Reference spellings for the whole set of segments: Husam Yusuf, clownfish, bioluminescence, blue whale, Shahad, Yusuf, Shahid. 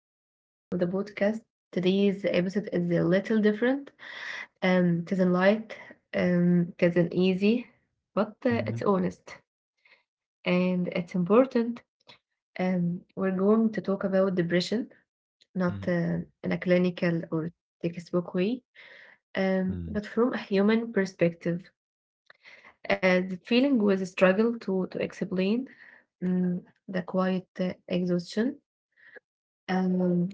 episode of the podcast. Today's episode is a little different. It isn't light, it isn't easy, but it's Mhm. honest and it's important. We're going to talk about depression, not Mm, in a clinical or textbook way, but mm, from a human perspective. The feeling was a struggle to explain. Um, the quiet exhaustion. Um,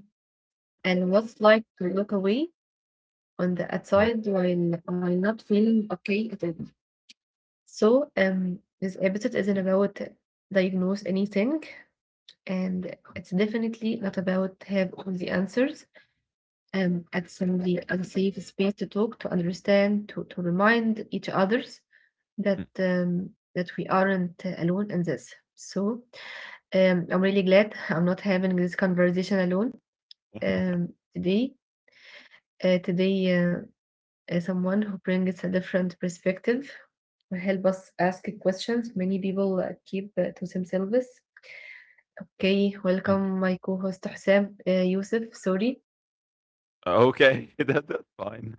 and was like to look away on the mm, outside while am not feeling okay at all. So this episode isn't about diagnose anything, and mm, it's definitely not about have all the answers. It's only a safe space to talk, to understand, to remind each others mm, that that we aren't alone in this. So I'm really glad I'm not having this conversation alone um today. Today, someone who brings a different perspective will help us ask questions many people keep to themselves. Okay, mm. welcome my co-host Husam Yusuf. Sorry, Okay, that's fine.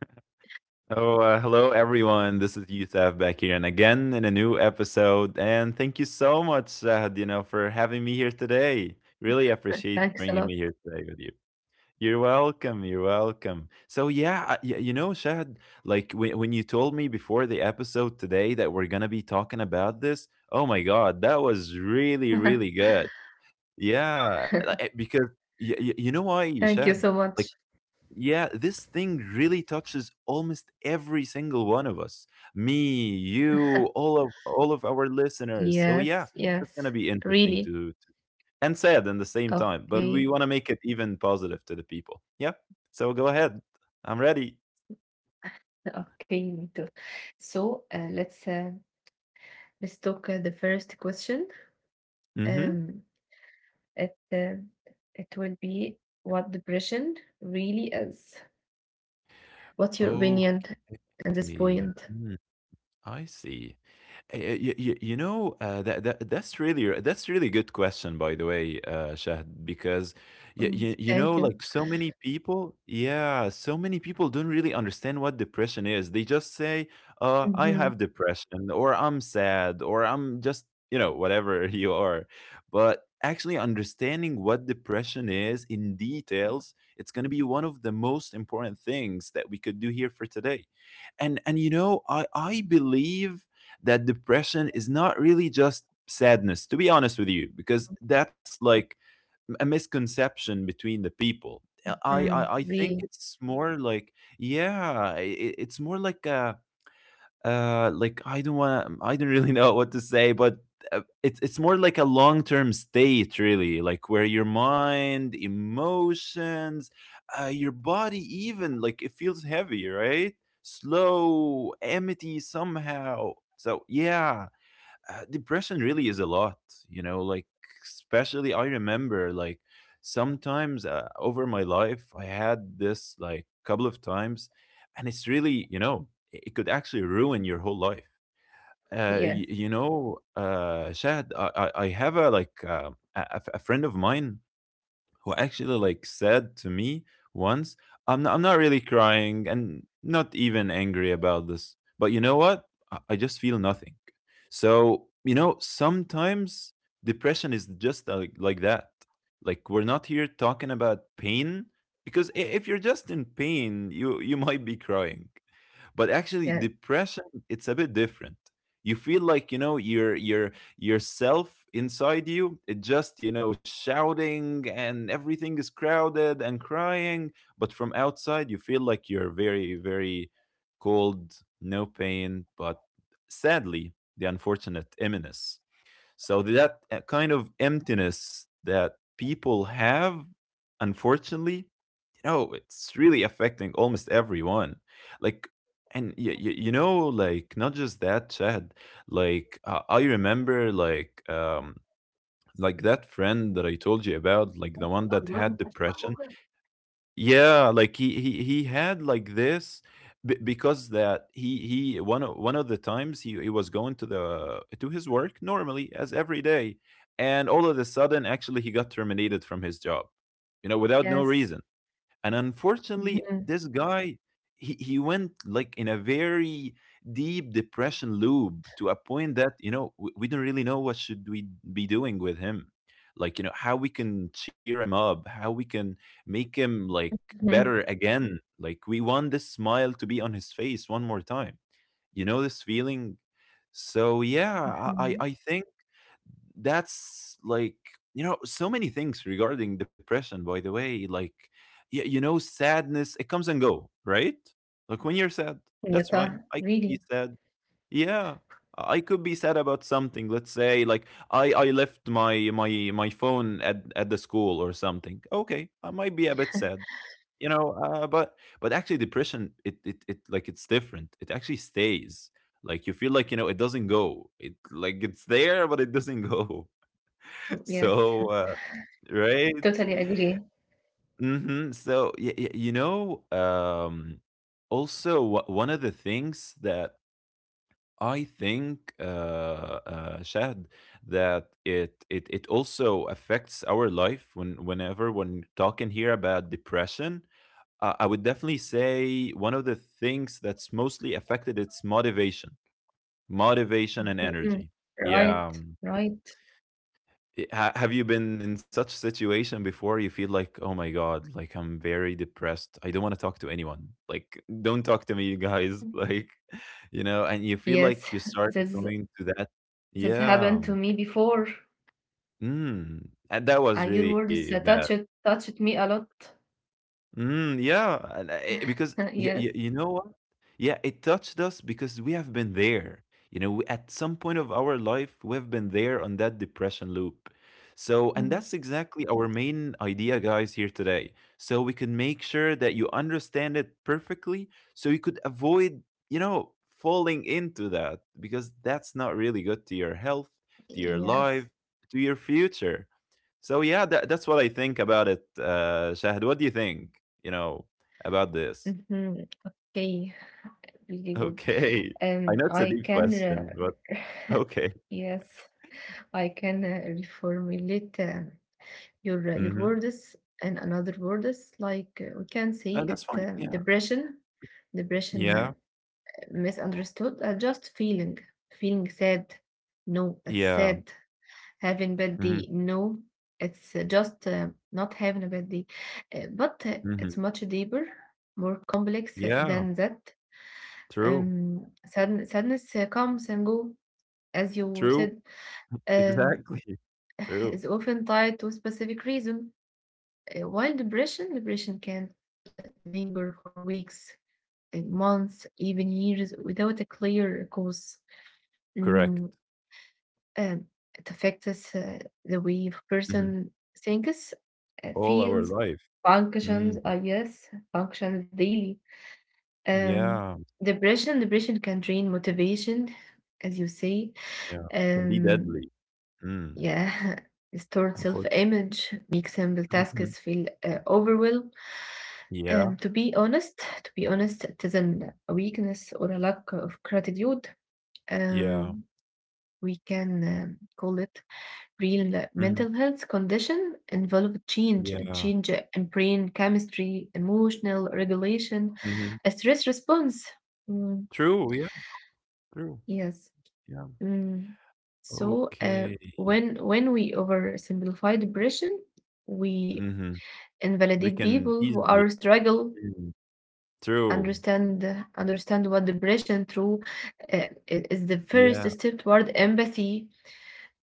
So, hello everyone. This is Yusuf back here, and again in a new episode. And thank you so much, Sahad, for having me here today. Really appreciate thanks bringing a me lot. here today with you. You're welcome. You're welcome. So yeah, Shahad, like when you told me before the episode today that we're gonna be talking about this. Oh my God, that was really, really good. Yeah, like, because y y you know why, Thank Shahd? you so Like, much. yeah, this thing really touches almost every single one of us. Me, you, all of our listeners. So yeah, Yes, that's yes, gonna be interesting really. to and sad at the same time, but we Okay, wanna make it even positive to the people. Yeah. So go ahead. I'm ready. okay, me too. So let's talk the first question. Mhm. Um, it uh, it will be what depression really is. What's your Okay. opinion at this point? Mm, I see. You know that's really good question by the way Shahd, because Mm. You Thank know you. like so many people don't really understand what depression is. They just say Mhm. I have depression or I'm sad or I'm just you know whatever you are. But actually understanding what depression is in details, it's going to be one of the most important things that we could do here for today. And you know I believe that depression is not really just sadness, to be honest with you, because that's like a misconception between the people. I Mm. think Really? it's more like. Yeah, it's more like a like I don't want to I don't really know what to say, but it's more like a long term state really, like where your mind, emotions, your body even like it feels heavy, right? Slow, empty somehow. So yeah, depression really is a lot, you know, like, especially I remember like sometimes over my life I had this like couple of times, and it's really you know it could actually ruin your Mm. whole life. Yes. You know Shahad, I have a like a friend of mine who actually like said to me once, "I'm not really crying and not even angry about this, but you know what? I just feel nothing." So you know, sometimes depression is just like that. Like we're not here talking about pain, because if you're just in pain, you might be crying, but actually Yes. depression, it's a bit different. You feel like, you know, you're yourself inside you, it just, you know, shouting and everything is crowded and crying, but from outside you feel like you're very very cold, no pain, but sadly the unfortunate emptiness. So that kind of emptiness that people have, unfortunately, no, it's really affecting almost everyone. Like, and you know, like not just that, Chad. Like I remember, like that friend that I told you about, like the one that had depression. Yeah, like he had like this, because that he one of the times he was going to his work normally as every day, and all of a sudden, actually, he got terminated from his job. You know, without no Yes. reason. And unfortunately, Mhm. this guy, he went like in a very deep depression loop, to a point that you know we don't really know what should we be doing with him, like, you know, how we can cheer him up, how we can make him like Mhm. better again, like we want this smile to be on his face one more time, you know, this feeling. So yeah, i i Mhm. I think that's like, you know, so many things regarding depression, by the way, like, yeah, you know, sadness, it comes and go, right? Like when you're sad, Yeah, that's fine, I could really. be sad. Yeah, I could be sad about something, let's say, like I left my phone at the school or something. Okay, I might be a bit sad, you know, but actually depression, it like it's different. It actually stays, like, you feel like, you know, it doesn't go, it like it's there but it doesn't go. Yes. So, right? Totally agree. Mhm. So, y y you know, also, one of the things that I think, Shahd, that it also affects our life when talking here about depression, I would definitely say one of the things that's mostly affected, it's motivation, and Mhm. energy. Yeah. Right. Right. Have you been in such situation before? You feel like, oh my god, like I'm very depressed, I don't want to talk to anyone, like don't talk to me, you guys Mm. like, you know, and you feel Yes, like you start this going to that. this happened Yeah. to me before. Mm. And that was Your really words uh, bad. touched touched me a lot. Mm, yeah, and, because, y Yes. y you know what? Yeah, it touched us because we have been there. You know, we, at some point of our life, we have been there on that depression loop. So, and Mhm. that's exactly our main idea, guys, here today, so we can make sure that you understand it perfectly, so you could avoid, falling into that, because that's not really good to your health, to your Yes. life, to your future. So yeah, that's what I think about it. Shahid, what do you think? You know about this? hmm Okay, really good. Okay, I know it's a I deep can question, but okay. yes, I can reformulate your Mm-hmm. words and another words like we can And say that's it fine. Yeah, depression, depression yeah, misunderstood, just feeling sad. No, that's yeah. sad. Having bad Hmm. day. No, it's just not having a bad day. Uh, but uh, Hmm. it's much deeper, more complex Yeah. than that. True, Sadness comes and go, as you true, said, um, exactly. True, is often tied to a specific reason, while depression can linger for weeks, months, even years without a clear cause. correct. Mm, um, it affects us, the way a Hmm. person thinks, All our feels, life. functions, Mm. I guess, functions daily. Um, Yeah, depression can drain motivation, as you say. yeah, can be Um, deadly. Mm. yeah, restored Unfortunately. self-image makes simple Mhm. tasks feel overwhelmed. Um, Yeah, to be honest, to be honest, it isn't a weakness or a lack of gratitude. yeah. Um, we can call it real Hmm. mental health condition involve change, Yeah. change in brain chemistry, emotional regulation, Hmm. a stress response. Mm, True. Yeah, true. yes. Yeah. Mm. So, Okay. When we oversimplify depression, we Mhm. We invalidate can people who easily. are struggle Mm, true. understand understand what depression through is the first Yeah. step toward empathy.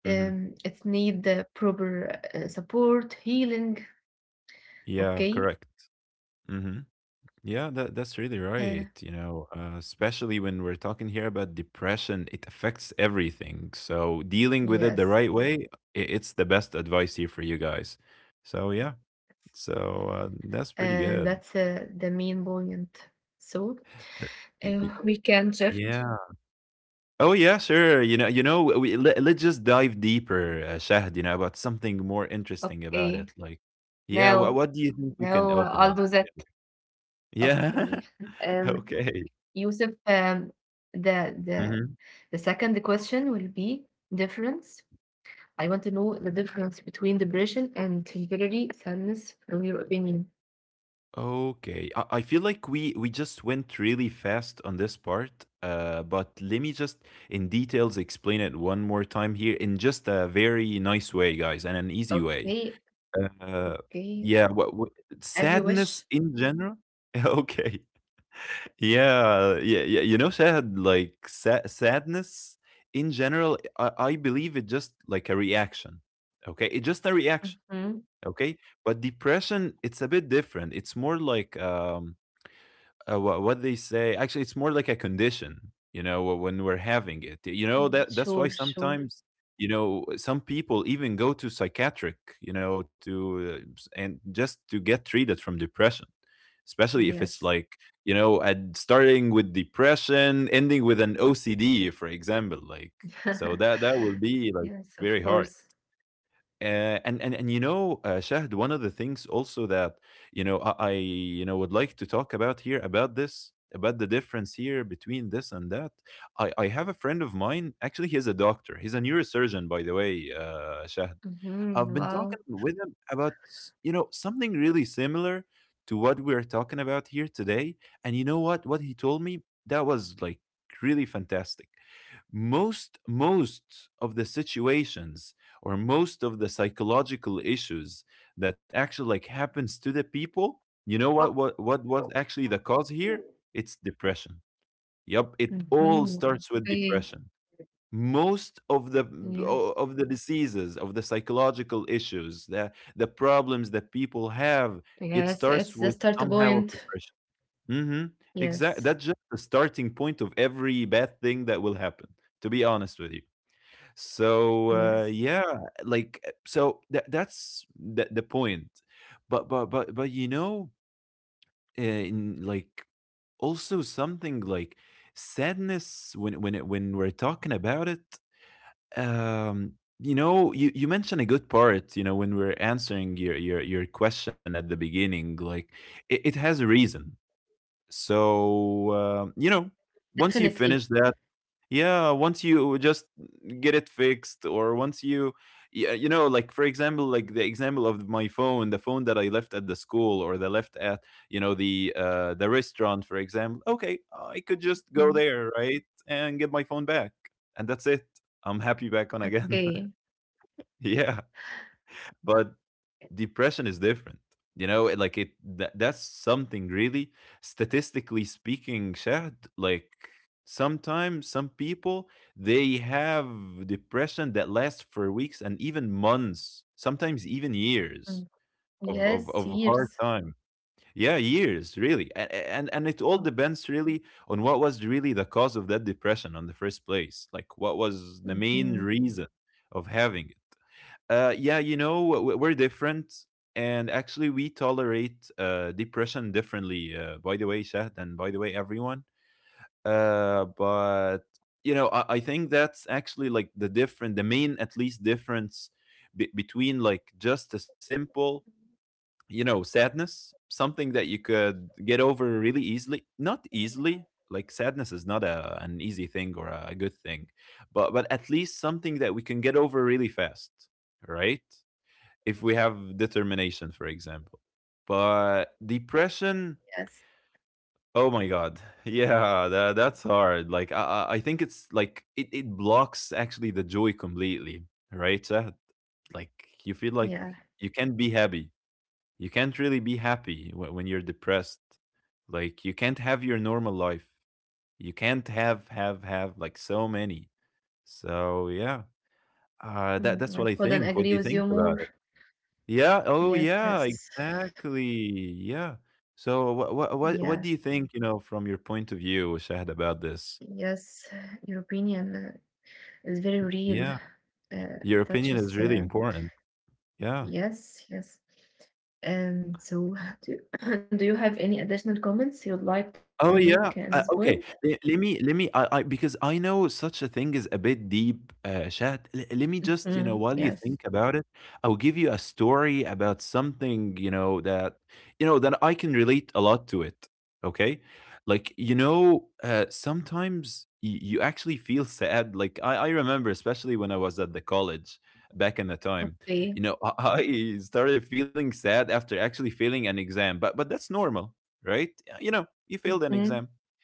Mhm. It need the proper support, healing. Yeah, Okay. correct. Mhm. Yeah, that's really Uh, right, especially when we're talking here about depression, it affects everything. So dealing with it the yes. right way, it's the best advice here for you guys. So yeah. So that's pretty Uh, good. that's uh, the main point. So Th- y- y- we can shift. Yeah. Oh yeah, sure. You know, we, let's just dive deeper, Shahd, about something more interesting about it. Okay. Like, yeah, Now, what do you think we can now open up? I'll do that. Yeah. Okay. Um, Okay. Yusuf, the Hmm. the second question will be difference. I want to know the difference between depression and temporary sadness from your opinion. Okay. I feel like we just went really fast on this part. But let me just in details explain it one more time here in just a very nice way, guys, and an easy way. Okay, Uh, yeah. okay. What As you sadness wish. in general? Okay. Yeah, yeah, yeah. You know, sadness in general. I believe it just like a reaction. Okay, it's just a reaction. Mhm. Okay, but depression, it's a bit different. It's more like what they say, actually it's more like a condition, you know, when we're having it, you know, mm that that's why Sure, sure. sometimes you know some people even go to psychiatric, you know, to and just to get treated from depression, especially if it's Yes. like, you know, at starting with depression ending with an OCD for example, like, so that will be like Yes, very of hard. course. And and you know, Shahd, one of the things also that you know I you know would like to talk about here about this, about the difference here between this and that. I have a friend of mine. Actually, he's a doctor. He's a neurosurgeon, by the way, Shahd. I've been Hmm talking Wow. with him about, you know, something really similar to what we're talking about here today. And you know what? What he told me that was like really fantastic. Most of the situations, or most of the psychological issues that actually like happens to the people, you know, what was actually the cause here? It's depression. Yep, it all hmm starts with Okay. depression. Most of the Yes. Diseases, of the psychological issues, the problems that people have, it Yes, starts it's the with start somehow of point. depression. Mm-hmm. Exactly, Yes. that's just the starting point of every bad thing that will happen, to be honest with you. So, Yes. Yeah, like, so that's the point. But you know, in like also something like sadness, when we're talking about it, um, you know, you mentioned a good part, when we're answering your question at the beginning, like, it has a reason. So, um, you know, Once you Definitely. finish that, yeah, once you just get it fixed, or once you, like for example, like the example of my phone, the phone that I left at the school or the left at, the restaurant, for example. Okay, I could just Mm, go there, right, and get my phone back, and that's it. I'm happy back on again. okay. Yeah, but depression is different. Like that's something really, statistically speaking, Shahd, like sometimes some people, they have depression that lasts for weeks and even months, sometimes even Mm, years of, yes, of, of years. hard time. Yeah, years, really. And it Oh. all depends, really, on what was really the cause of that depression on the first place, like what was the Mhm, main reason of having it. We're different, and actually, we tolerate depression differently. By the way, Shahd, and by the way, everyone. But I think that's actually like the different, the main, at least, difference between like just a simple, you know, sadness, something that you could get over really easily, not easily. Like sadness is not an easy thing or a good thing, but at least something that we can get over really fast, right? If we have determination, for example. But depression, yes, oh my god, yeah, that's hard. Like think it blocks actually the joy completely, right, Shahd? Like you feel like yeah. you can't be happy. You can't really be happy when you're depressed. Like you can't have your normal life. You can't have like so many. So yeah, Mm, that's I what I couldn't think. What agree do you with think you about more. it? Yeah, oh Yes, yeah, yes. exactly, yeah. So what what what Yeah, what do you think, you know, from your point of view, Shahad, about this? yes. Your opinion is very real. Yeah, Uh, your opinion touches, is really important. Yeah. yes, yes. And so, do, you, do you have any additional comments you'd like to Oh make at yeah. this Uh, point? okay. Le- Let me, I because I know such a thing is a bit deep, chat. Let me just, you know, Mhm, while you yes. think about it, I'll give you a story about something, you know, that that I can relate a lot to it. Okay? Sometimes you actually feel sad. Like I remember, especially when I was at the college back in the time, you know, Okay. I started feeling sad after actually failing an exam. But that's normal, right? You know, you failed an exam. hmm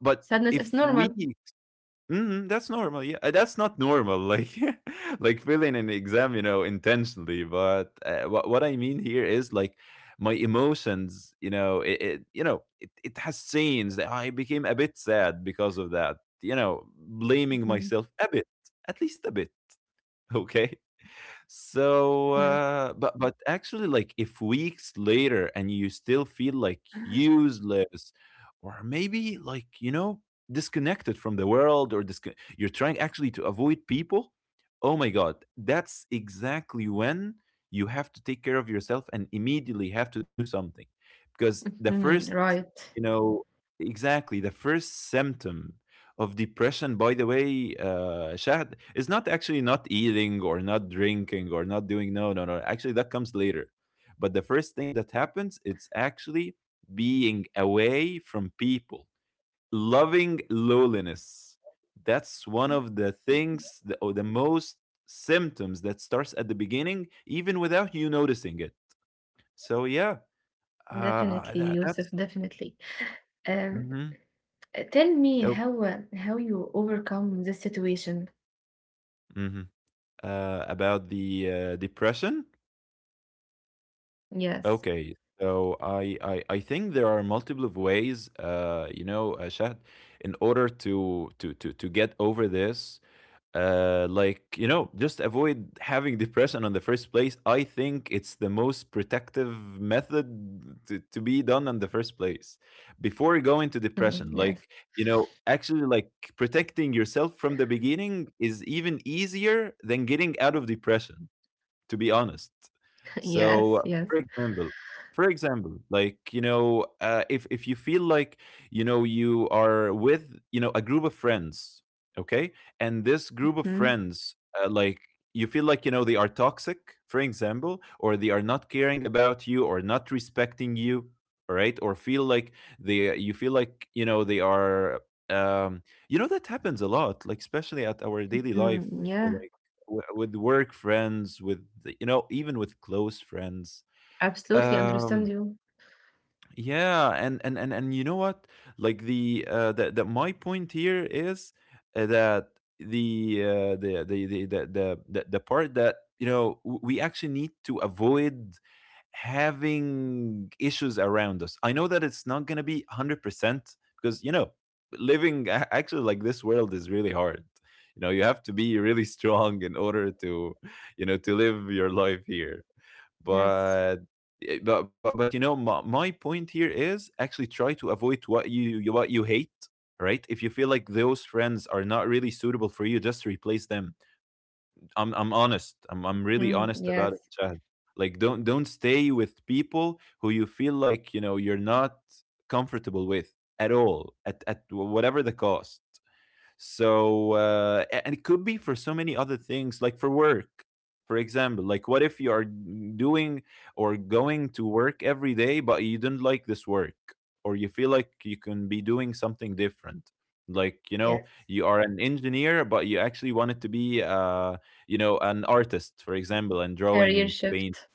But if Sadness we is normal. Mhm, that's normal. Yeah, that's not normal. Like, like failing an exam, you know, intentionally. But what I mean here is like my emotions. It has scenes that I became a bit sad because of that. You know, blaming myself a bit, Hmm at least a bit. Okay. So, uh, but Yeah. but actually, like if weeks later and you still feel like useless, or maybe, like, you know, disconnected from the world, you're trying actually to avoid people. Oh my God, that's exactly when you have to take care of yourself and immediately have to do something, because the first, you Mhm, know, right. exactly the first symptom of depression, by the way, uh, Shahd, is not actually not eating or not drinking or not doing, no no no, actually that comes later. But the first thing that happens, it's actually being away from people, loving loneliness. That's one of the things, the, or the most symptoms that starts at the beginning even without you noticing it. So yeah, Definitely, Yusuf, that's definitely. Um, hmm tell me yep how you overcome this situation. hmm about the depression. Yes. Okay, so I think there are multiple ways, you know, Shahd, in order to get over this. Like you know, just avoid having depression on the first place. I think it's the most protective method to be done on the first place before going to depression. Mhm. Yes. Like you know, actually, like protecting yourself from the beginning is even easier than getting out of depression, to be honest. Yes. So, Yes. For example, like you know, if you feel like you know you are with, you know, a group of friends, okay, and this group of Mm, friends, like you feel like, you know, they are toxic, for example, or they are not caring about you or not respecting you, all right, or feel like they you feel like, you know, they are, um, you know, that happens a lot, like especially at our daily life. mm, Or yeah. like, with work friends, you know, even with close friends. Absolutely understand Um, you. yeah, and you know what? The my point here is, that the part that, you know, we actually need to avoid having issues around us. I know that it's not gonna be 100%, because you know, living, actually, like this world is really hard. You know, you have to be really strong in order to, you know, to live your life here. Yes. But but you know, my point here is actually try to avoid what you what you hate. Right? If you feel like those friends are not really suitable for you, just replace them. I'm honest, I'm really Mm, honest about yes. it, Chad. Like don't stay with people who you feel like, you know, you're not comfortable with at all, at whatever the cost. So and it could be for so many other things, like for work, for example. Like what if you are doing or going to work every day but you don't like this work, or you feel like you can be doing something different. Like you know Yes. you are an engineer but you actually wanted to be, uh, you know, an artist, for example, and Career drawing. shift.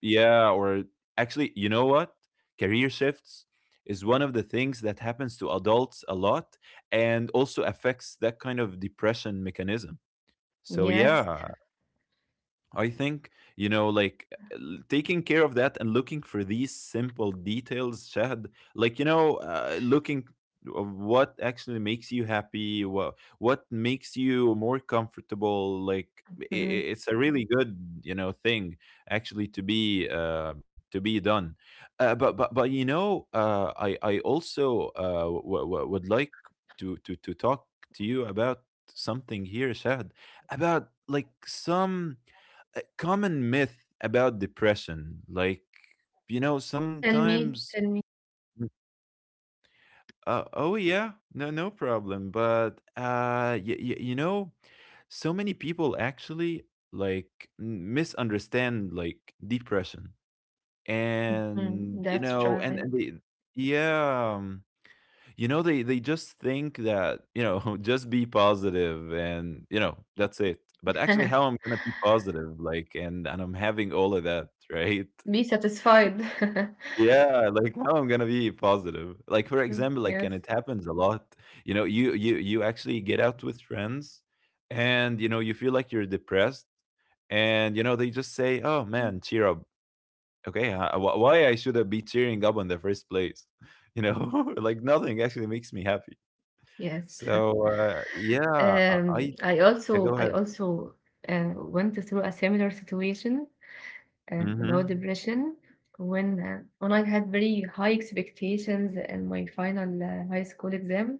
Yeah, or actually, you know what? Career shifts is one of the things that happens to adults a lot, and also affects that kind of depression mechanism. So, Yes. yeah, I think, you know, like taking care of that and looking for these simple details, Shahad, like, you know, looking of what actually makes you happy, what makes you more comfortable, like, Mm. it's a really good, you know, thing actually to be done. You know, I also, would like to talk to you about something here, Shahad, about like some a common myth about depression. Like, you know, Tell me. sometimes, Tell me. Mm. Uh, oh yeah, no, no problem. You know, so many people actually, misunderstand like depression, Mhm. and you That's know, right. And they. Yeah, you know, they just think that, you know, just be positive and, you know, that's it. But actually, how I'm gonna be positive, like, and I'm having all of that, right? Be satisfied. Yeah, like how I'm gonna be positive. Like for Mm, example, like, yes. and it happens a lot. You know, you actually get out with friends, and you know you feel like you're depressed, and you know they just say, "Oh Mm. man, cheer up." Okay, why I should have be cheering up in the first place? You know, like nothing actually makes me happy. Yes. So yeah, I I yeah, go also I ahead. also went through a similar situation about Mm-hmm. depression when I had very high expectations in my final high school exam,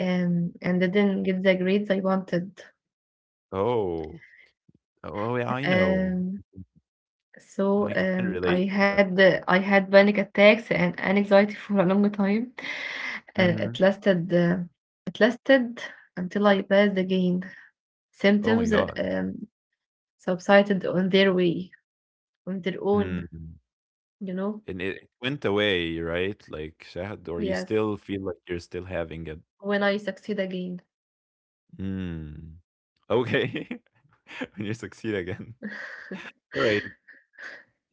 and I didn't get the grades I wanted. Oh, oh yeah, I know. Um, Mm-hmm. I so can relate. I had panic attacks and anxiety for a long time. Uh, Mm-hmm. it lasted uh, it lasted until I passed again. Oh my Symptoms god. um, subsided on their way. On their own, Mm. you know? And it went away, right? Like شهد, or you Yes. still feel like you're still having it? When I succeed again. Mm, okay. When you succeed again. Right.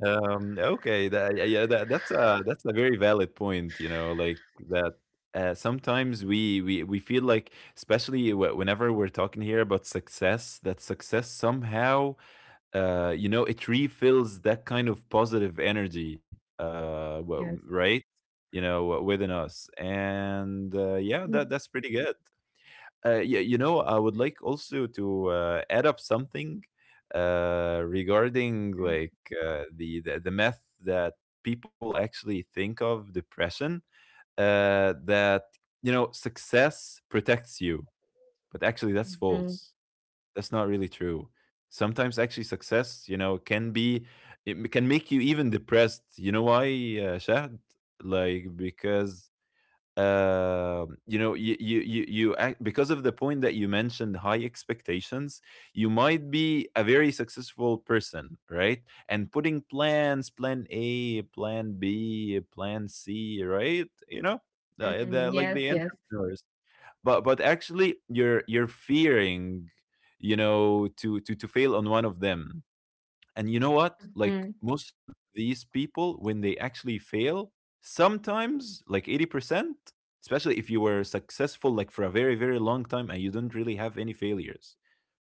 Okay. Yeah, yeah, that's a very valid point. You know, like that. Sometimes we feel like, especially whenever we're talking here about success, that success somehow, you know, it refills that kind of positive energy, Yes. right? You know, within us, and yeah, that Mm, that's pretty good. Yeah, you know, I would like also to, add up something, regarding mm, like, the myth that people actually think of depression, that you know success protects you, but actually that's mhm, false. That's not really true. Sometimes actually success, you know, can be, can make you even depressed. You know why, Shahd? Like because you know because of the point that you mentioned, high expectations. You might be a very successful person, right, and putting plans, plan A, plan B, plan C, right, you know, the, mm, like yes, the yes. entrepreneurs. But actually you're fearing, you know, to fail on one of them. And you know what, like Mhm, most of these people when they actually fail, sometimes like 80%, especially if you were successful like for a very very long time and you didn't really have any failures,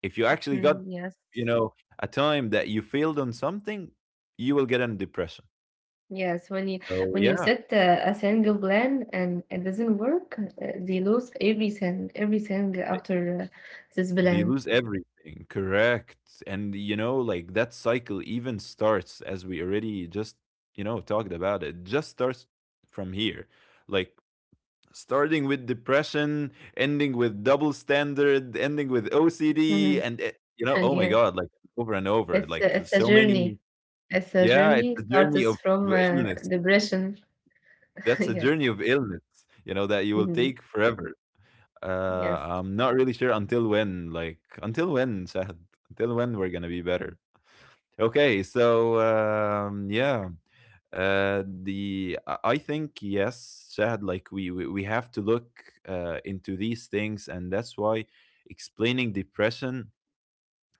if you actually mhm, got, yes. you know, a time that you failed on something, you will get a depression. Yes, when you So when you yeah. set a single plan and it doesn't work, they lose everything, everything after this They plan. lose everything. Correct. And you know, like that cycle even starts as we already just, you know, talked about it. Just starts from here. Like starting with depression, ending with double standard, ending with OCD Mhm, and you know, oh my yes, god, like over and over, like it's a so journey. many. It's a Yeah, it's journey a journey starts of from illness. depression. That's a journey Yes. of illness, you know, that you will Mhm, take forever. Yes. I'm not really sure until when. Like until when, Shahad? Until when we're gonna be better? Okay, so yeah. The I think yes, Shahad. Like we have to look into these things, and that's why explaining depression,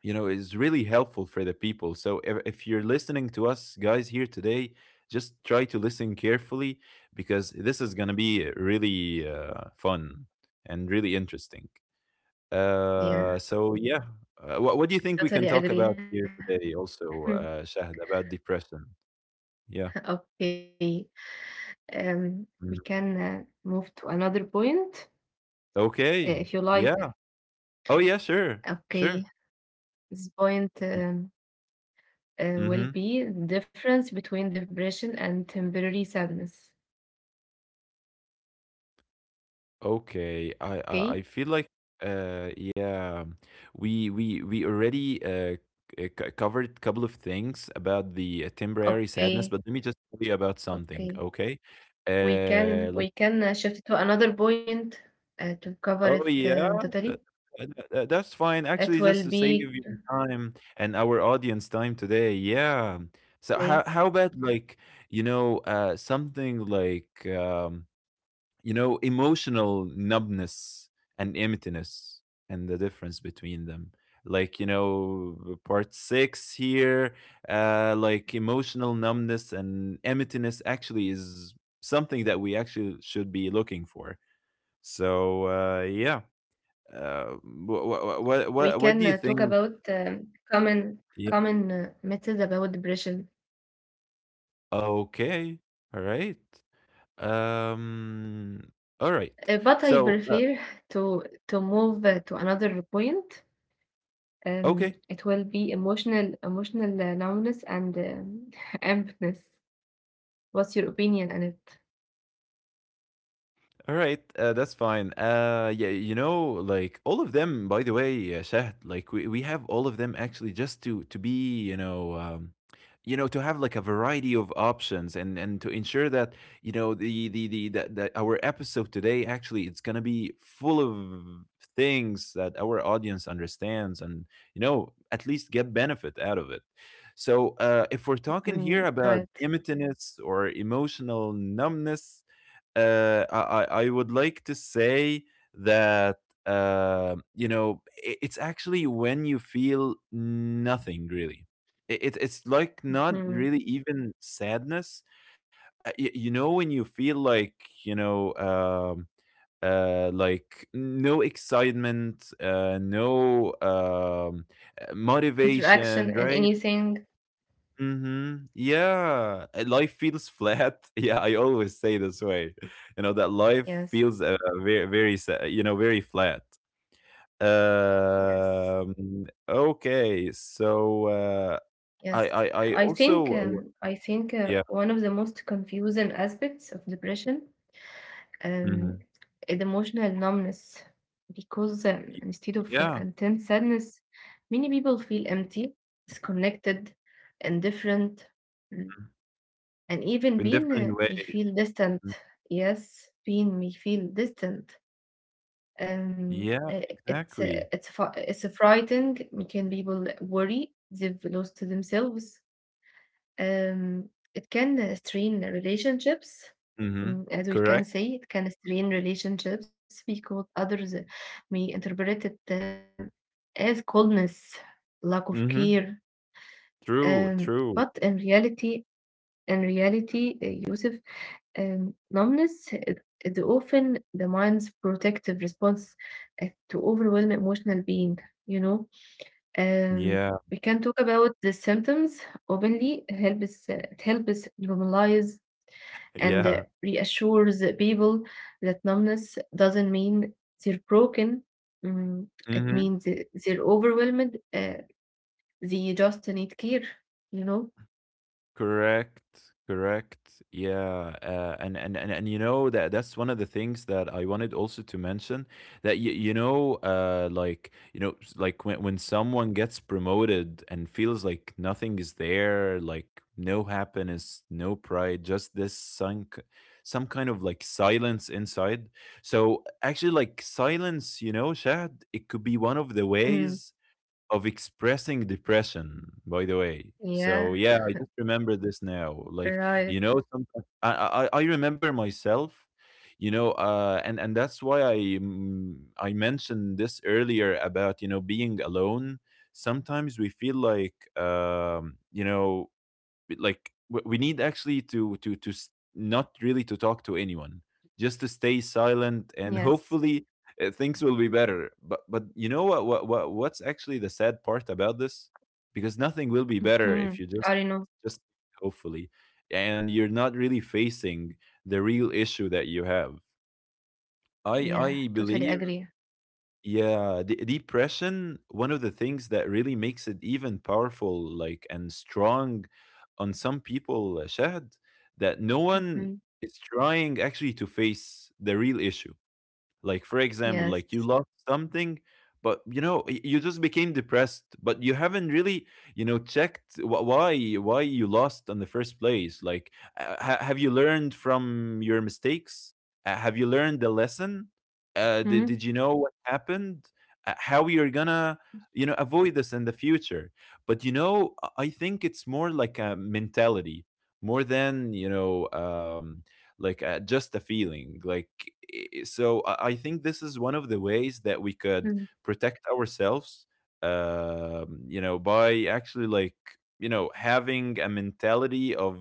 you know, is really helpful for the people. So if you're listening to us guys here today, just try to listen carefully, because this is gonna be really fun and really interesting. Uh, Yeah. so yeah, what do you think we can Totally talk about agree. here today? Hmm. Also, Shahd, about depression. Yeah. Okay. Um, we can Mhm. Move to another point if you Okay. like. Yeah. Oh yeah. Sure. Okay. Sure. This point will Mm-hmm. be the difference between depression and temporary sadness. Okay. Okay. I feel like yeah, we already covered a couple of things about the temporary Okay. sadness, but let me just tell you about Okay. something. Okay. We Like can shift to another point to cover it oh, yeah? totally. That that's fine. It Actually, will just to be save your time and our audience time today. Yeah. So okay. How about like, you know, something like, you know, emotional numbness and emptiness, and the difference between them? Like, you know, part six here, like emotional numbness and emptiness actually is something that we actually should be looking for. So, yeah. Uh, We what, can what, talk what, wha about what do you think? common common Yeah. methods about depression. Okay. All right. Um. All right. But I prefer So uh, to to move to another point. Okay. It will be emotional numbness and emptiness. What's your opinion on it? All right, that's fine. Yeah, you know, like all of them. By the way, Shahd, like we have all of them actually, just to be, you know, to have like a variety of options, and to ensure that, you know, that our episode today actually it's gonna be full of things that our audience understands, and you know, at least get benefit out of it. So if we're Mm, talking here right. about imitness or emotional numbness, I would like to say that you know, it's actually when you feel nothing really. It it's like not Mm. really even sadness. You know, when you feel like, you know, like no excitement, no Interaction motivation, and right? anything. Mhm. Yeah, life feels flat. Yeah, I always say this way. You know that life Yes. feels very, very, you know, very flat. Yes. Okay. So, I, Yes. I, I I think also, yeah, one of the most confusing aspects of depression um, hmm, the emotional numbness, because instead of yeah, intense sadness, many people feel empty, disconnected, indifferent, mm, mhm, and even in being different may ways. feel distant. Mhm. Yes, being may feel distant. Um, Yeah, uh, it's uh, exactly. it's fr- it's frightening. Can people worry they've lost themselves? Um, it can strain relationships, Mm-hmm. mm, as we can Correct. say, it can strain relationships because others may interpret it as coldness, lack of Mm-hmm. care. True. Um, True. but in reality, Yusuf, numbness is often the mind's protective response uh, to overwhelm emotional being, you know. Um, Yeah. we can talk about the symptoms openly. Helps it helps normalize and Yeah. reassures the people that numbness doesn't mean they're broken. Mm, it Mm-hmm. means they're overwhelmed. They just need care. You know. Correct, correct. Yeah, and you know that that's one of the things that I wanted also to mention, that you know, like, you know, like when someone gets promoted and feels like nothing is there, like no happiness, no pride, just this sunk, some kind of like silence inside. So actually like silence, you know, Shad, it could be one of the Mm, ways of expressing depression, by the way. yeah. So yeah, I just remember this now. Like, Right. you know, sometimes I remember myself. You know, and that's why I mentioned this earlier about, you know, being alone. Sometimes we feel like, you know, like we need actually to not really to talk to anyone, just to stay Yes. silent and hopefully things will be better. But you know what's actually the sad part about this? Because nothing will be Hmm. better I if you don't know. Just hopefully, and you're not really facing the real issue that you have. I Yeah. I Totally believe, agree. yeah, de depression, one of the things that really makes it even powerful, like, and strong on some people, Shahd, that no one Mhm. is trying actually to face the real issue. Like for example, Yes. like you lost something, but you know, you just became depressed, but you haven't really, you know, checked why why you lost in the first place. Like, have you learned from your mistakes? Have you learned the lesson? Did Mhm. you know what happened? How you're gonna, you know, avoid this in the future? But you know, I think it's more like a mentality more than you know. Like just a feeling like, so I think this is one of the ways that we could mm protect ourselves, um you know, by actually like, you know, having a mentality of,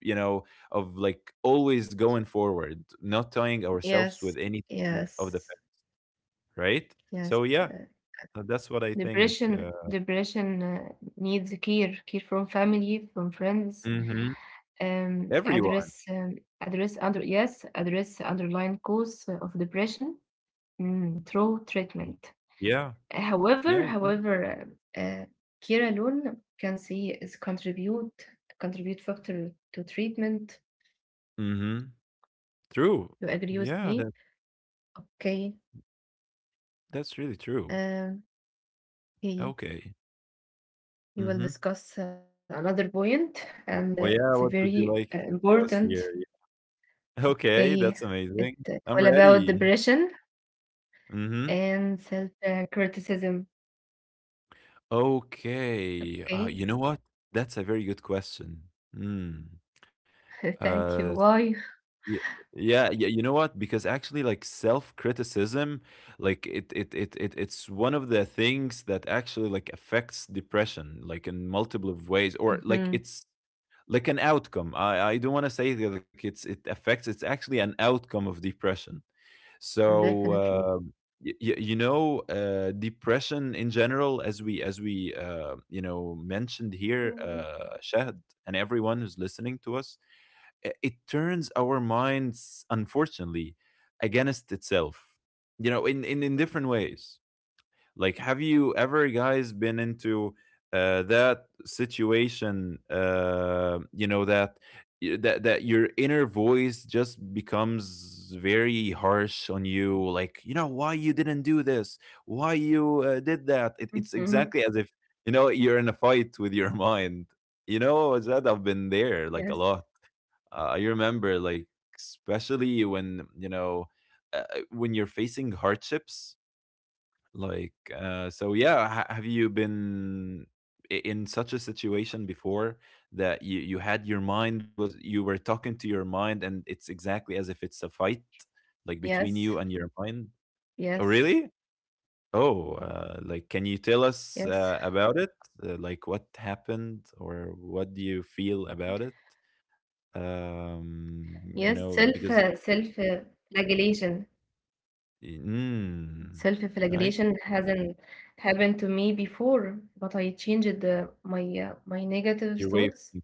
you know, of like always going forward, not tying ourselves Yes. with anything of the Yes. past, right, Yes. so yeah, that's what I think. Depression depression uh, needs care, care from family, from friends. Mhm. Um, Everyone, address um, address underlying cause of depression, mm, through treatment. yeah, yeah, However, exactly. Uh, uh, care alone can see is contribute factor to treatment. Mm-hmm. True. You agree with Yeah, me? that Okay. that's really true. Um, okay. Okay. We Mhm. will discuss another point, and Well, it's yeah, a what would you very like to discuss important. here? Yeah. Okay, Okay, that's it amazing. it's I'm all about ready. depression Mhm. and self criticism. Okay. Okay, You know what? That's a very good question. Mm. thank you. Uh, Why? yeah, yeah, yeah, you know what? Because actually, like self-criticism, like it's one of the things that actually like affects depression, like in multiple of ways, or like Hmm it's like an outcome. I don't want to say that like it's, it affects. It's actually an outcome of depression. So, Definitely. um, you know, depression in general, as we you know, mentioned here, Shahd and everyone who's listening to us, it turns our minds, unfortunately, against itself. You know, in in different ways. Like, have you ever guys been into that situation? You know that, that your inner voice just becomes very harsh on you. Like, you know, why you didn't do this? Why you did that? It's Mm-hmm. exactly as if, you know, you're in a fight with your mind. You know that I've been there Yes, like a lot. I remember like, especially when you know, uh, when you're facing hardships, like, so yeah, ha have you been I in such a situation before, that you were talking to your mind, and it's exactly as if it's a fight, yes, like between you and your mind? yes, Oh, really? Oh, like, can you tell yes, us about it? Like, what happened, or what do you feel about it? You yes. know, because, Self flagellation. mm, Self I see flagellation hasn't happened to me before, but I changed my negative your way of thoughts thinking.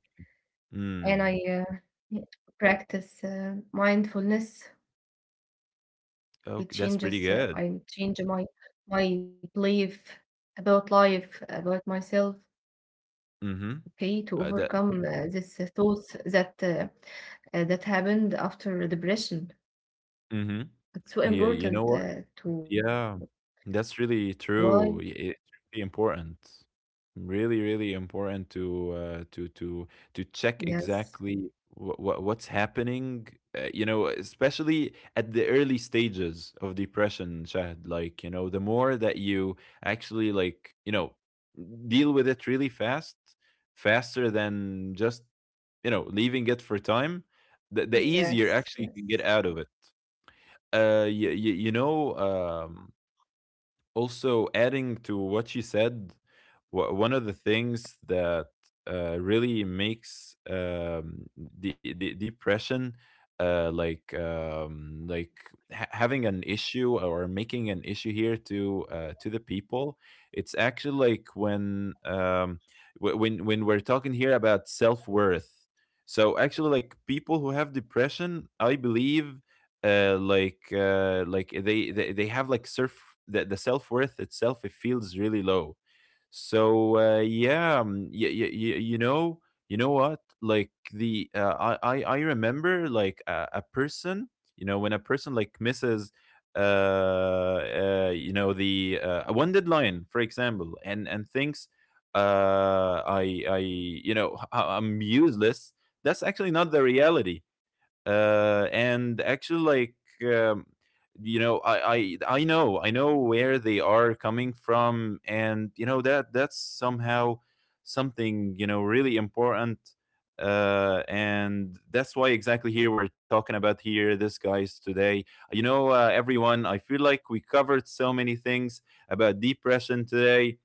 and Mm, I practice mindfulness. okay, It that's pretty changes, good. I change my my belief about life, about myself, Mm-hmm. okay, to That overcome this thoughts that that happened after depression. mhm. It's so Yeah, you know important what? To Yeah, that's really why? true. It's really important. Really, really important to to check Yes, exactly what's happening. You know, especially at the early stages of depression, Shahid. Like, you know, the yes, more that yes. you actually, like, you know, deal with it really fast, faster than just, you know, leaving it for time, the easier actually you can get out of it. You know, also adding to what you said, one of the things that really makes the depression like having an issue or making an issue here to the people, it's actually like when, when we're talking here about self worth. So actually, like people who have depression, I believe, they have like the self-worth itself, it feels really low. So yeah, you know, you know what, like the I remember like a person, you know, when a person like misses you know, the one deadline, for example, and thinks, I you know, I'm useless. That's actually not the reality, and actually, like, you know, I know, I know where they are coming from, and you know that that's somehow something, you know, really important. And that's why, exactly, here we're talking about here this guys today. You know, everyone, I feel like we covered so many things about depression today,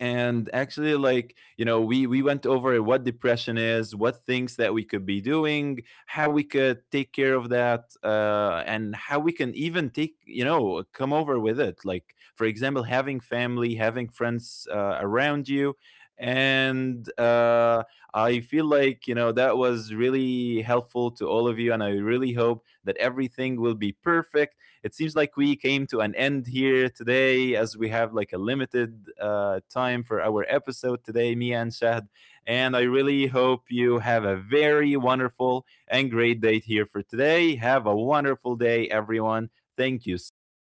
and actually, like, you know, we went over what depression is, what things that we could be doing, how we could take care of that, and how we can even take, you know, come over with it, like for example, having family, having friends around you, and I feel like, you know, that was really helpful to all of you, and I really hope that everything will be perfect. It seems like we came to an end here today, as we have like a limited time for our episode today, me and Shahd. And I really hope you have a very wonderful and great day here for today. Have a wonderful day, everyone. Thank you so much.